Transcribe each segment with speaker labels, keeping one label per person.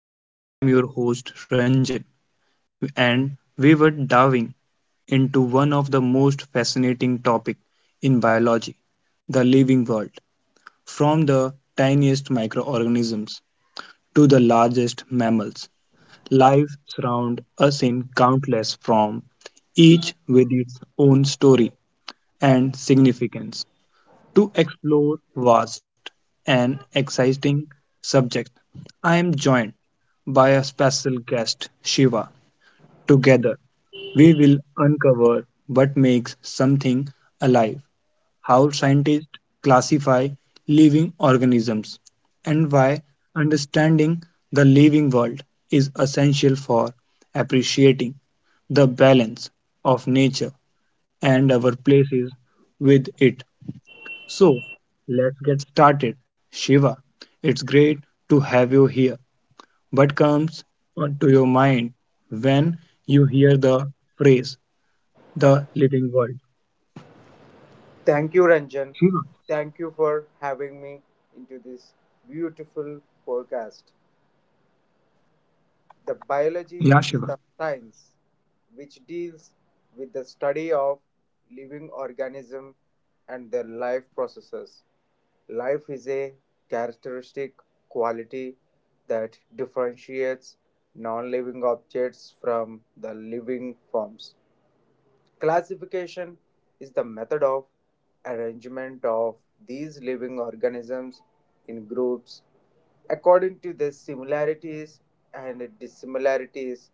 Speaker 1: to today's episode. I am your host Ranjan and we were diving into one of the most fascinating topics in biology, the living world, from the tiniest microorganisms to the largest mammals. Life surrounds us in countless forms, each with its own story and significance. To explore vast and exciting subject. I am joined by a special guest, Shiva. Together, we will uncover what makes something alive, how scientists classify living organisms, and why understanding the living world is essential for appreciating the balance of nature and our places with it. So let's get started. Shiva, it's great to have you here. What comes onto your mind when you hear the phrase the living world?
Speaker 2: Thank you, Ranjan. Thank you for
Speaker 1: Shiva.
Speaker 2: having me into this beautiful podcast. The biology is
Speaker 1: Yeah,
Speaker 2: the
Speaker 1: Shiva.
Speaker 2: science which deals with the study of living organism and their life processes. Life is a characteristic quality that differentiates non living objects from the living forms. Classification is the method of arrangement of these living organisms in groups according to their similarities and dissimilarities,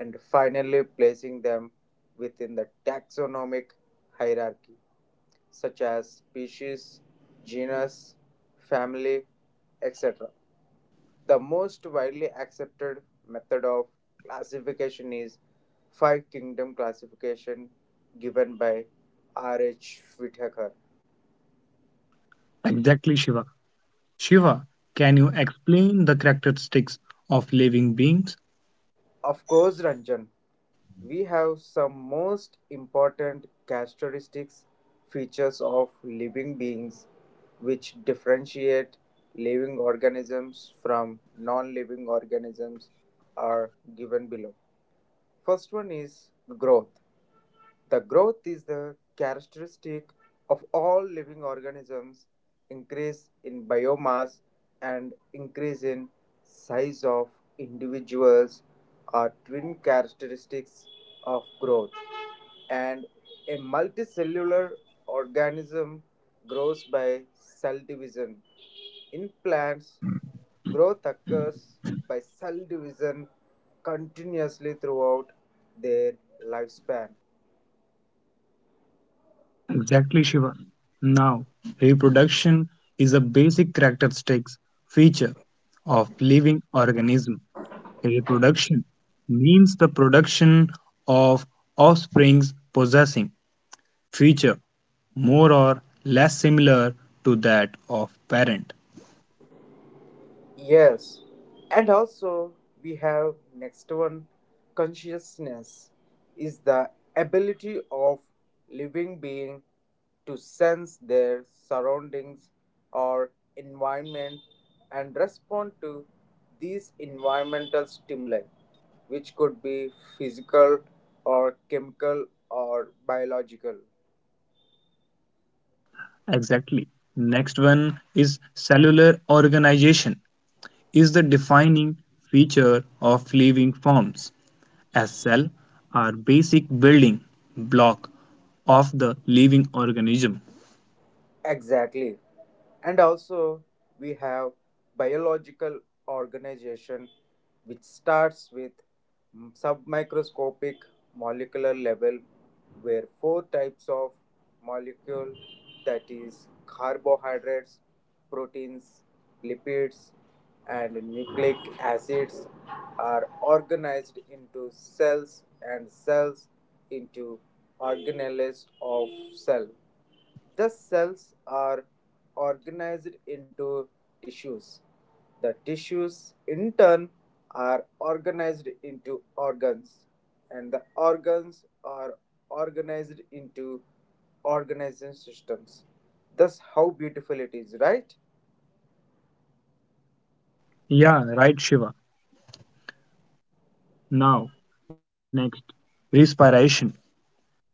Speaker 2: and finally placing them within the taxonomic hierarchy, such as species, genus, family, etc. The most widely accepted method of classification is Five Kingdom classification given by R.H. Whittaker.
Speaker 1: Exactly, Shiva. Shiva, can you explain the characteristics of living beings?
Speaker 2: Of course, Ranjan, we have some most important characteristics features of living beings which differentiate living organisms from non living organisms are given below. First one is growth. The growth is the characteristic of all living organisms, increase in biomass and increase in size of individuals are twin characteristics of growth and a multicellular organism grows by cell division. In plants, growth occurs by cell division continuously throughout their lifespan.
Speaker 1: Exactly, Shiva. Now, reproduction is a basic characteristic feature of living organism. Reproduction means the production of offsprings possessing feature more or less similar to that of parent.
Speaker 2: Yes, and also we have next one, consciousness is the ability of living being to sense their surroundings or environment and respond to these environmental stimuli which could be physical or chemical or biological.
Speaker 1: Exactly. Next one is cellular organization is the defining feature of living forms as cell are basic building block of the living organism.
Speaker 2: Exactly. And also, we have biological organization, which starts with submicroscopic molecular level, where four types of molecule, that is carbohydrates, proteins, lipids, and nucleic acids, are organized into cells and cells into organelles of cell. The cells are organized into tissues. The tissues, in turn, are organized into organs, and the organs are organized into organizing systems. Thus, how beautiful it is, right?
Speaker 1: Yeah, right Shiva. Now, next respiration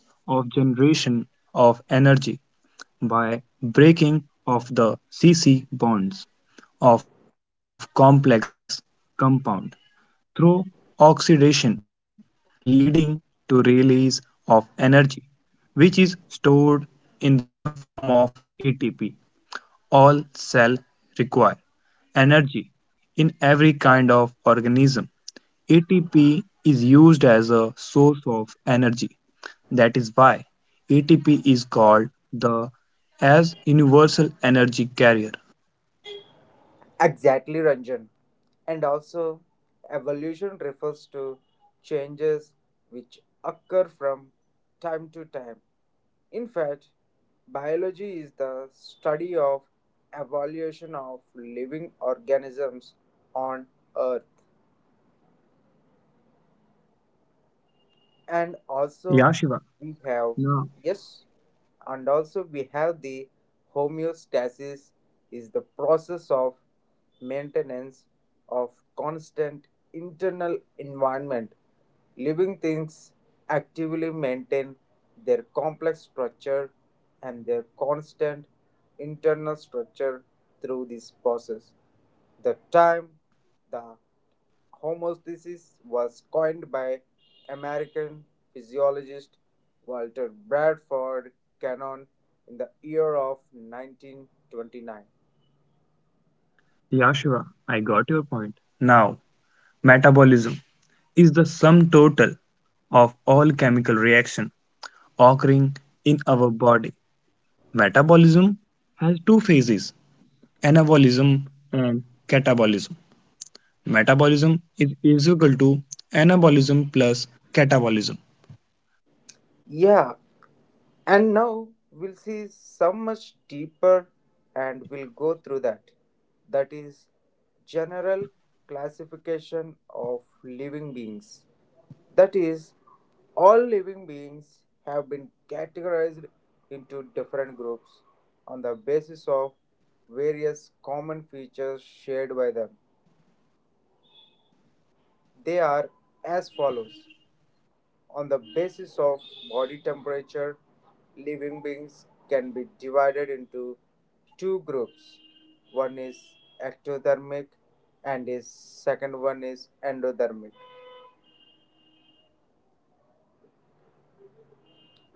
Speaker 1: is the process of generation of energy by breaking of the C-C bonds of complex compound through oxidation leading to release of energy which is stored in the form of ATP. All cell require energy in every kind of organism. ATP is used as a source of energy. That is why ATP is called the as universal energy carrier.
Speaker 2: Exactly, Ranjan. And also, evolution refers to changes which occur from time to time. In fact, biology is the study of evolution of living organisms on Earth. and
Speaker 1: Yeah,
Speaker 2: also
Speaker 1: Shiva.
Speaker 2: we have
Speaker 1: No.
Speaker 2: yes and also we have the homeostasis is the process of maintenance of constant internal environment. Living things actively maintain their complex structure and their constant internal structure through this process. The time the Homeostasis was coined by American physiologist Walter Bradford Cannon in the year of 1929.
Speaker 1: Yeah, Shiva. I got it. Now, metabolism is the sum total of all chemical reaction occurring in our body. Metabolism has two phases, anabolism and catabolism. Metabolism is equal to anabolism plus catabolism.
Speaker 2: Yeah, and now we'll see some much deeper and we'll go through that. That is general classification of living beings. That is, all living beings have been categorized into different groups on the basis of various common features shared by them. They are as follows. On the basis of body temperature, living beings can be divided into two groups. One is ectothermic and is second one is endothermic.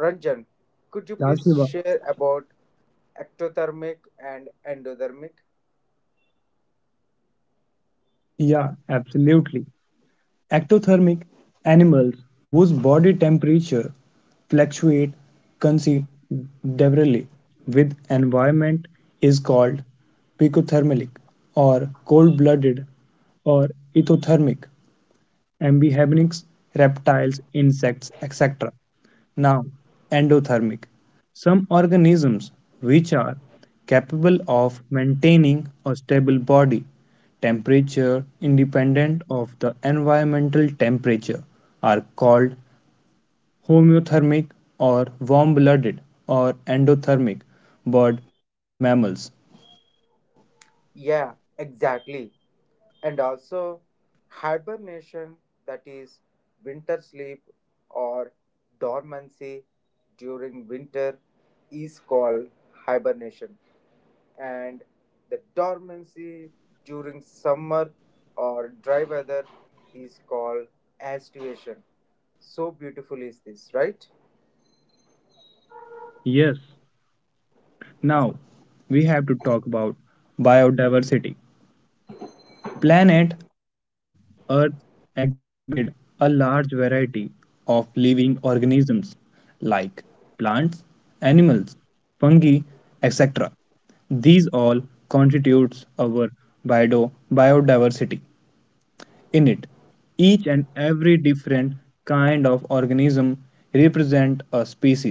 Speaker 2: Ranjan,
Speaker 1: Yeah,
Speaker 2: could you
Speaker 1: Shiva.
Speaker 2: please share about ectothermic and endothermic?
Speaker 1: Yeah, absolutely. Ectothermic animals whose body temperature fluctuates considerably with environment is called picothermic or cold-blooded or ectothermic amphibians, reptiles, insects, etc. Now, endothermic. Some organisms which are capable of maintaining a stable body temperature independent of the environmental temperature are called homeothermic or warm blooded or endothermic bird mammals.
Speaker 2: Yeah, exactly. And also, hibernation, that is winter sleep or dormancy during winter is called hibernation, and the dormancy during summer or dry weather is called aestivation. So beautiful is this, right?
Speaker 1: Yes, now we have to talk about biodiversity. Planet Earth exhibited a large variety of living organisms like plants, animals, fungi, etc. These all constitutes our biodiversity. In it, each and every different kind of organism represent a species.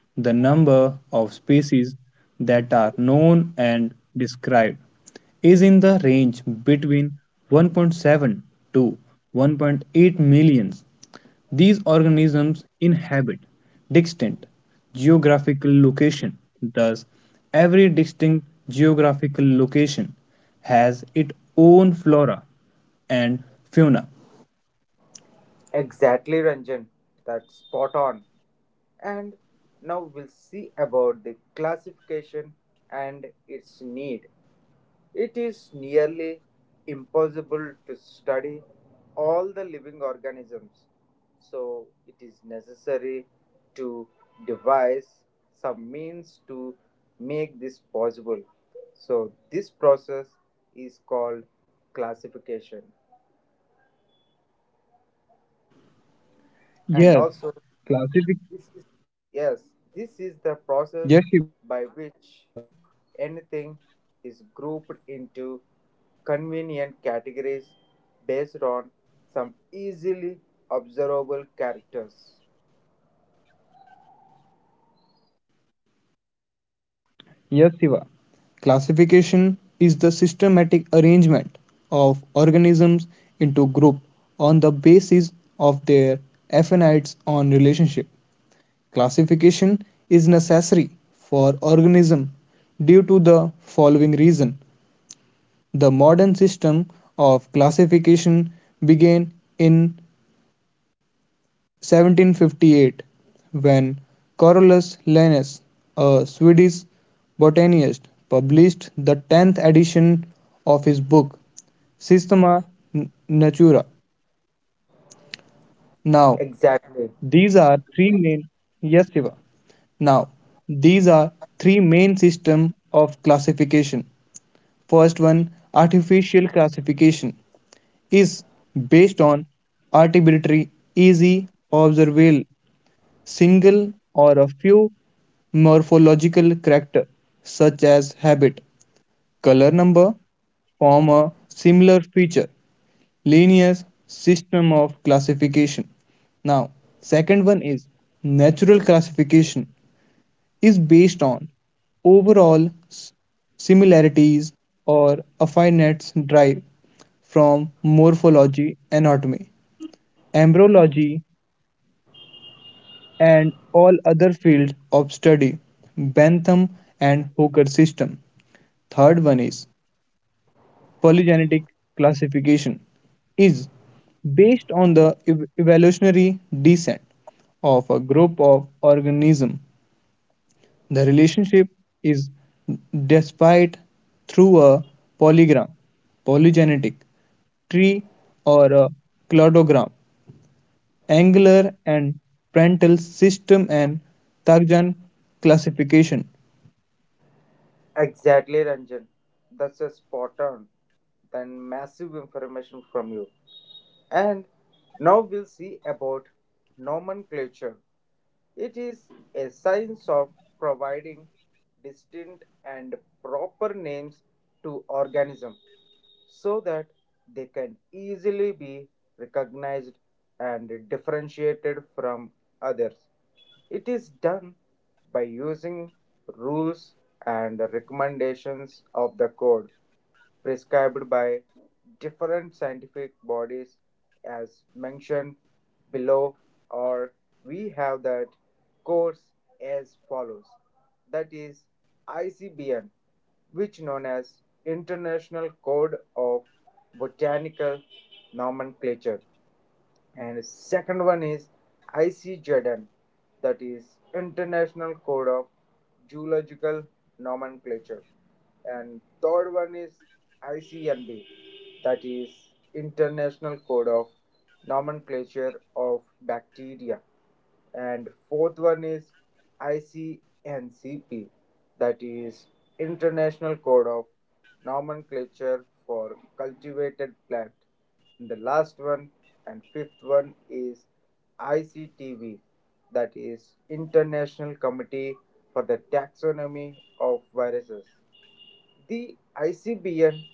Speaker 1: The number of species that are known and described is in the range between 1.7 to 1.8 million. These organisms inhabit distinct geographical location. Thus, every distinct geographical location has its own flora and fauna.
Speaker 2: Exactly, Ranjan. That's spot on. And now we'll see about the classification and its need. It is nearly impossible to study all the living organisms, so it is necessary to devise some means to make this possible. So, this process is called classification. And
Speaker 1: Yes,
Speaker 2: also,
Speaker 1: classific.
Speaker 2: this is, yes, this is the
Speaker 1: Yes, Shiva.
Speaker 2: process by which anything is grouped into convenient categories based on some easily observable characters.
Speaker 1: Yes, Siva. Classification is the systematic arrangement of organisms into groups on the basis of their affinities on relationship. Classification is necessary for organism due to the following reason. The modern system of classification began in 1758, when Carolus Linnaeus, a Swedish botanist, published the 10th edition of his book Systema Naturae*. Now,
Speaker 2: Exactly,
Speaker 1: these are three main yes, Shiva. Now, these are three main system of classification. First one, artificial classification, is based on arbitrary, easy observable single or a few morphological characters such as habit, color number form a similar feature, linear system of classification. Now, second one is natural classification is based on overall similarities or affinities derived from morphology, anatomy, embryology, and all other fields of study Bentham and Hooker system. Third one is polygenetic classification is based on the evolutionary descent of a group of organisms. The relationship is despite through a polygram, polygenetic tree or a cladogram angular and Prandtl system and Tarjan classification.
Speaker 2: exactly, Ranjan. That's a spot on. Then massive information from you. And now we'll see about nomenclature. It is a science of providing distinct and proper names to organisms so that they can easily be recognized and differentiated from others. It is done by using rules and recommendations of the code prescribed by different scientific bodies as mentioned below, or we have that course as follows. That is ICBN, which known as International Code of Botanical Nomenclature, and second one is ICZN, that is International Code of Geological Nomenclature, and third one is ICNB, that is International Code of Nomenclature of Bacteria, and fourth one is ICNCP, that is International Code of Nomenclature for Cultivated Plant, and the last one and fifth one is ICTV, that is International Committee for the Taxonomy of Viruses. The ICBN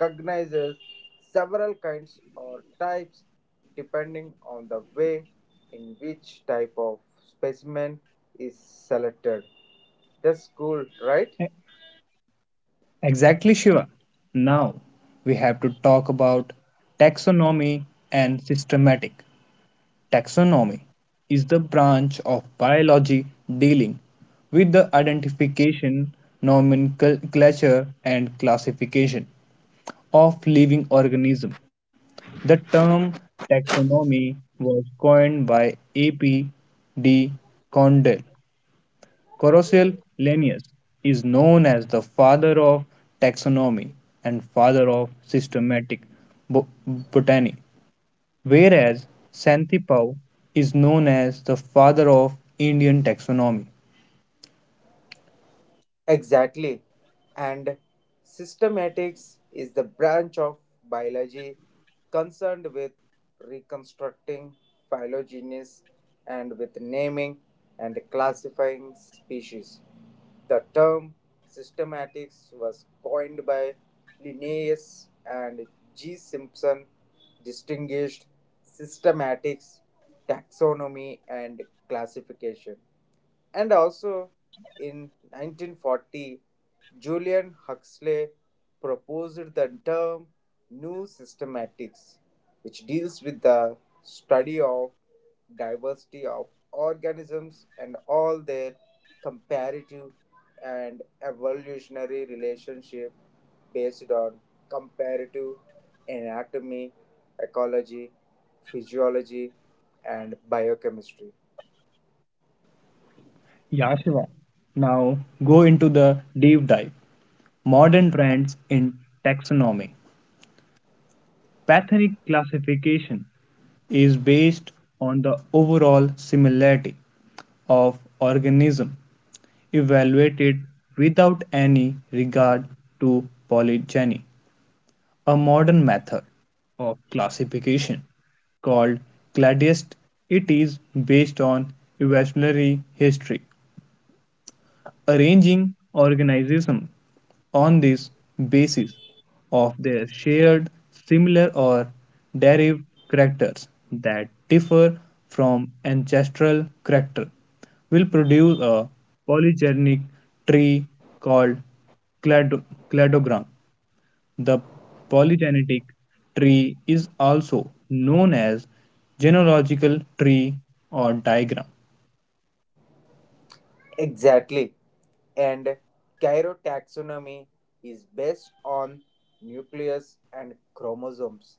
Speaker 2: recognizes several kinds or types depending on the way in which type of specimen is selected. That's cool, right?
Speaker 1: E- Exactly, Shiva. Now we have to talk about taxonomy and systematic. Taxonomy is the branch of biology dealing with the identification, nomenclature, and classification of living organisms. The term taxonomy was coined by A.P. de Condell. Carrousel Linnaeus is known as the father of taxonomy and father of systematic botany, whereas Santhipao is known as the father of Indian taxonomy.
Speaker 2: Exactly. And systematics is the branch of biology concerned with reconstructing phylogenies and with naming and classifying species. The term systematics was coined by Linnaeus, and G. Simpson distinguished systematics, taxonomy, and classification. And also in 1940, Julian Huxley proposed the term New Systematics, which deals with the study of diversity of organisms and all their comparative and evolutionary relationship based on comparative anatomy, ecology, physiology, and biochemistry.
Speaker 1: Yashiva, now go into the deep dive. Modern trends in taxonomy. Pathnic classification is based on the overall similarity of organism evaluated without any regard to polygeny. A modern method of classification called CLADIST, it is based on evolutionary history arranging organization on this basis of their shared similar or derived characters that differ from ancestral character will produce a polygenic tree called clado- cladogram. The polygenic tree is also known as genealogical tree or diagram.
Speaker 2: Exactly. And Cairo taxonomy is based on nucleus and chromosomes.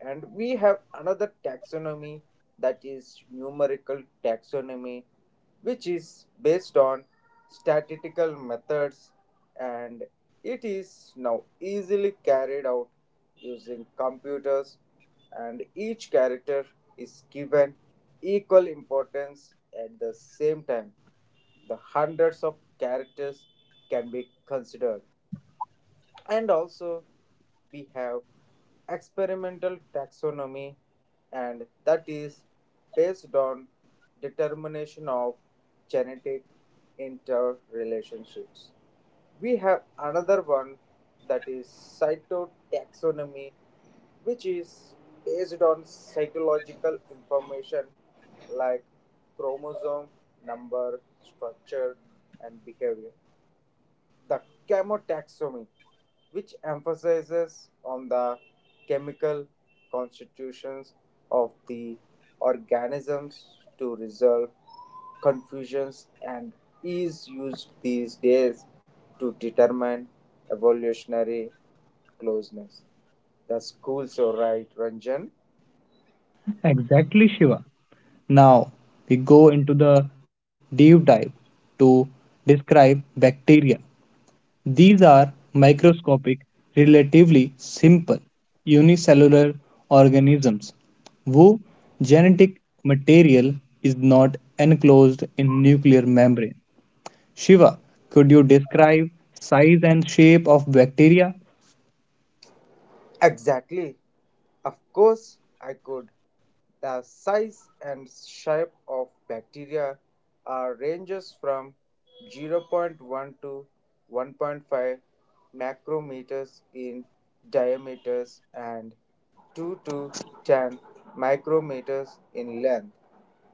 Speaker 2: And we have another taxonomy, that is numerical taxonomy, which is based on statistical methods and it is now easily carried out using computers, and each character is given equal importance at the same time the hundreds of characters can be considered. And also, we have experimental taxonomy, and that is based on determination of genetic interrelationships. We have another one, that is cytotaxonomy, which is based on psychological information like chromosome number, structure, and behavior. The chemotaxonomy, which emphasizes on the chemical constitutions of the organisms to resolve confusions and is used these days to determine evolutionary closeness. The schools are right, Ranjan.
Speaker 1: Exactly, Shiva. Now we go into the deep dive to describe bacteria. These are microscopic, relatively simple, unicellular organisms whose genetic material is not enclosed in nuclear membrane. Shiva, could you describe size and shape of bacteria?
Speaker 2: Exactly. Of course, I could. The size and shape of bacteria are ranges from zero point 0.1 to 1.5 micrometers in diameters and 2 to 10 micrometers in length.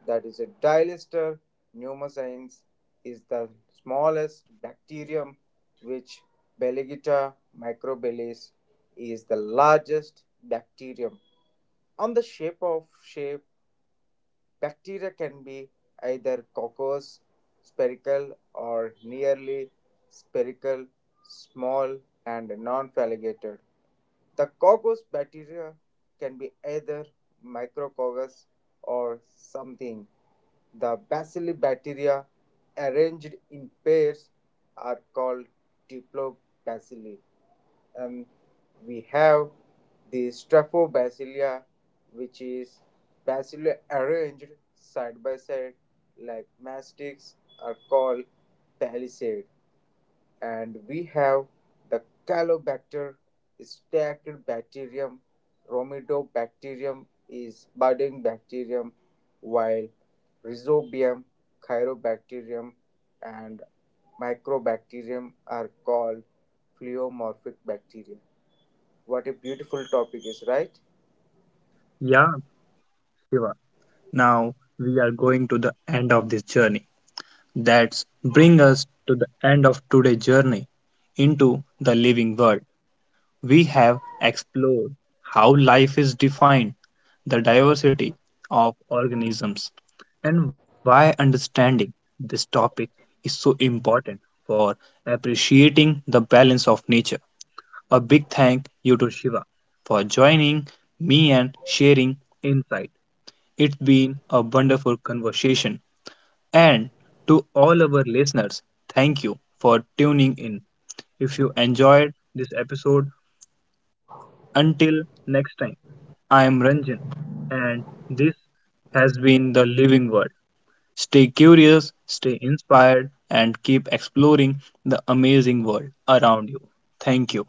Speaker 2: That is a dilator pneumocystis is the smallest bacterium, which Belegita microbilis is the largest bacterium. On the shape of shape, bacteria can be either coccus, spherical or nearly spherical, small and non-phalligated. The coccus bacteria can be either micrococcus or something. The bacilli bacteria arranged in pairs are called diplobacilli, and we have the Straphobacillia, which is bacilli arranged side by side like mastics, are called palisades, and we have the Calobacter, Stachybacterium, Romidobacterium is budding bacterium, while Rhizobium, Chirobacterium, and Microbacterium are called pleomorphic bacteria. What a beautiful topic is, right?
Speaker 1: Yeah, Shiva. Now we are going to the end of this journey. That's bring us to the end of today's journey into the living world. We have explored how life is defined, the diversity of organisms, and why understanding this topic is so important for appreciating the balance of nature. A big thank you to Shiva for joining me and sharing insight. It's been a wonderful conversation. And to all our listeners, thank you for tuning in. If you enjoyed this episode, until next time, I am Ranjan, and this has been The Living Word. Stay curious, stay inspired, and keep exploring the amazing world around you. Thank you.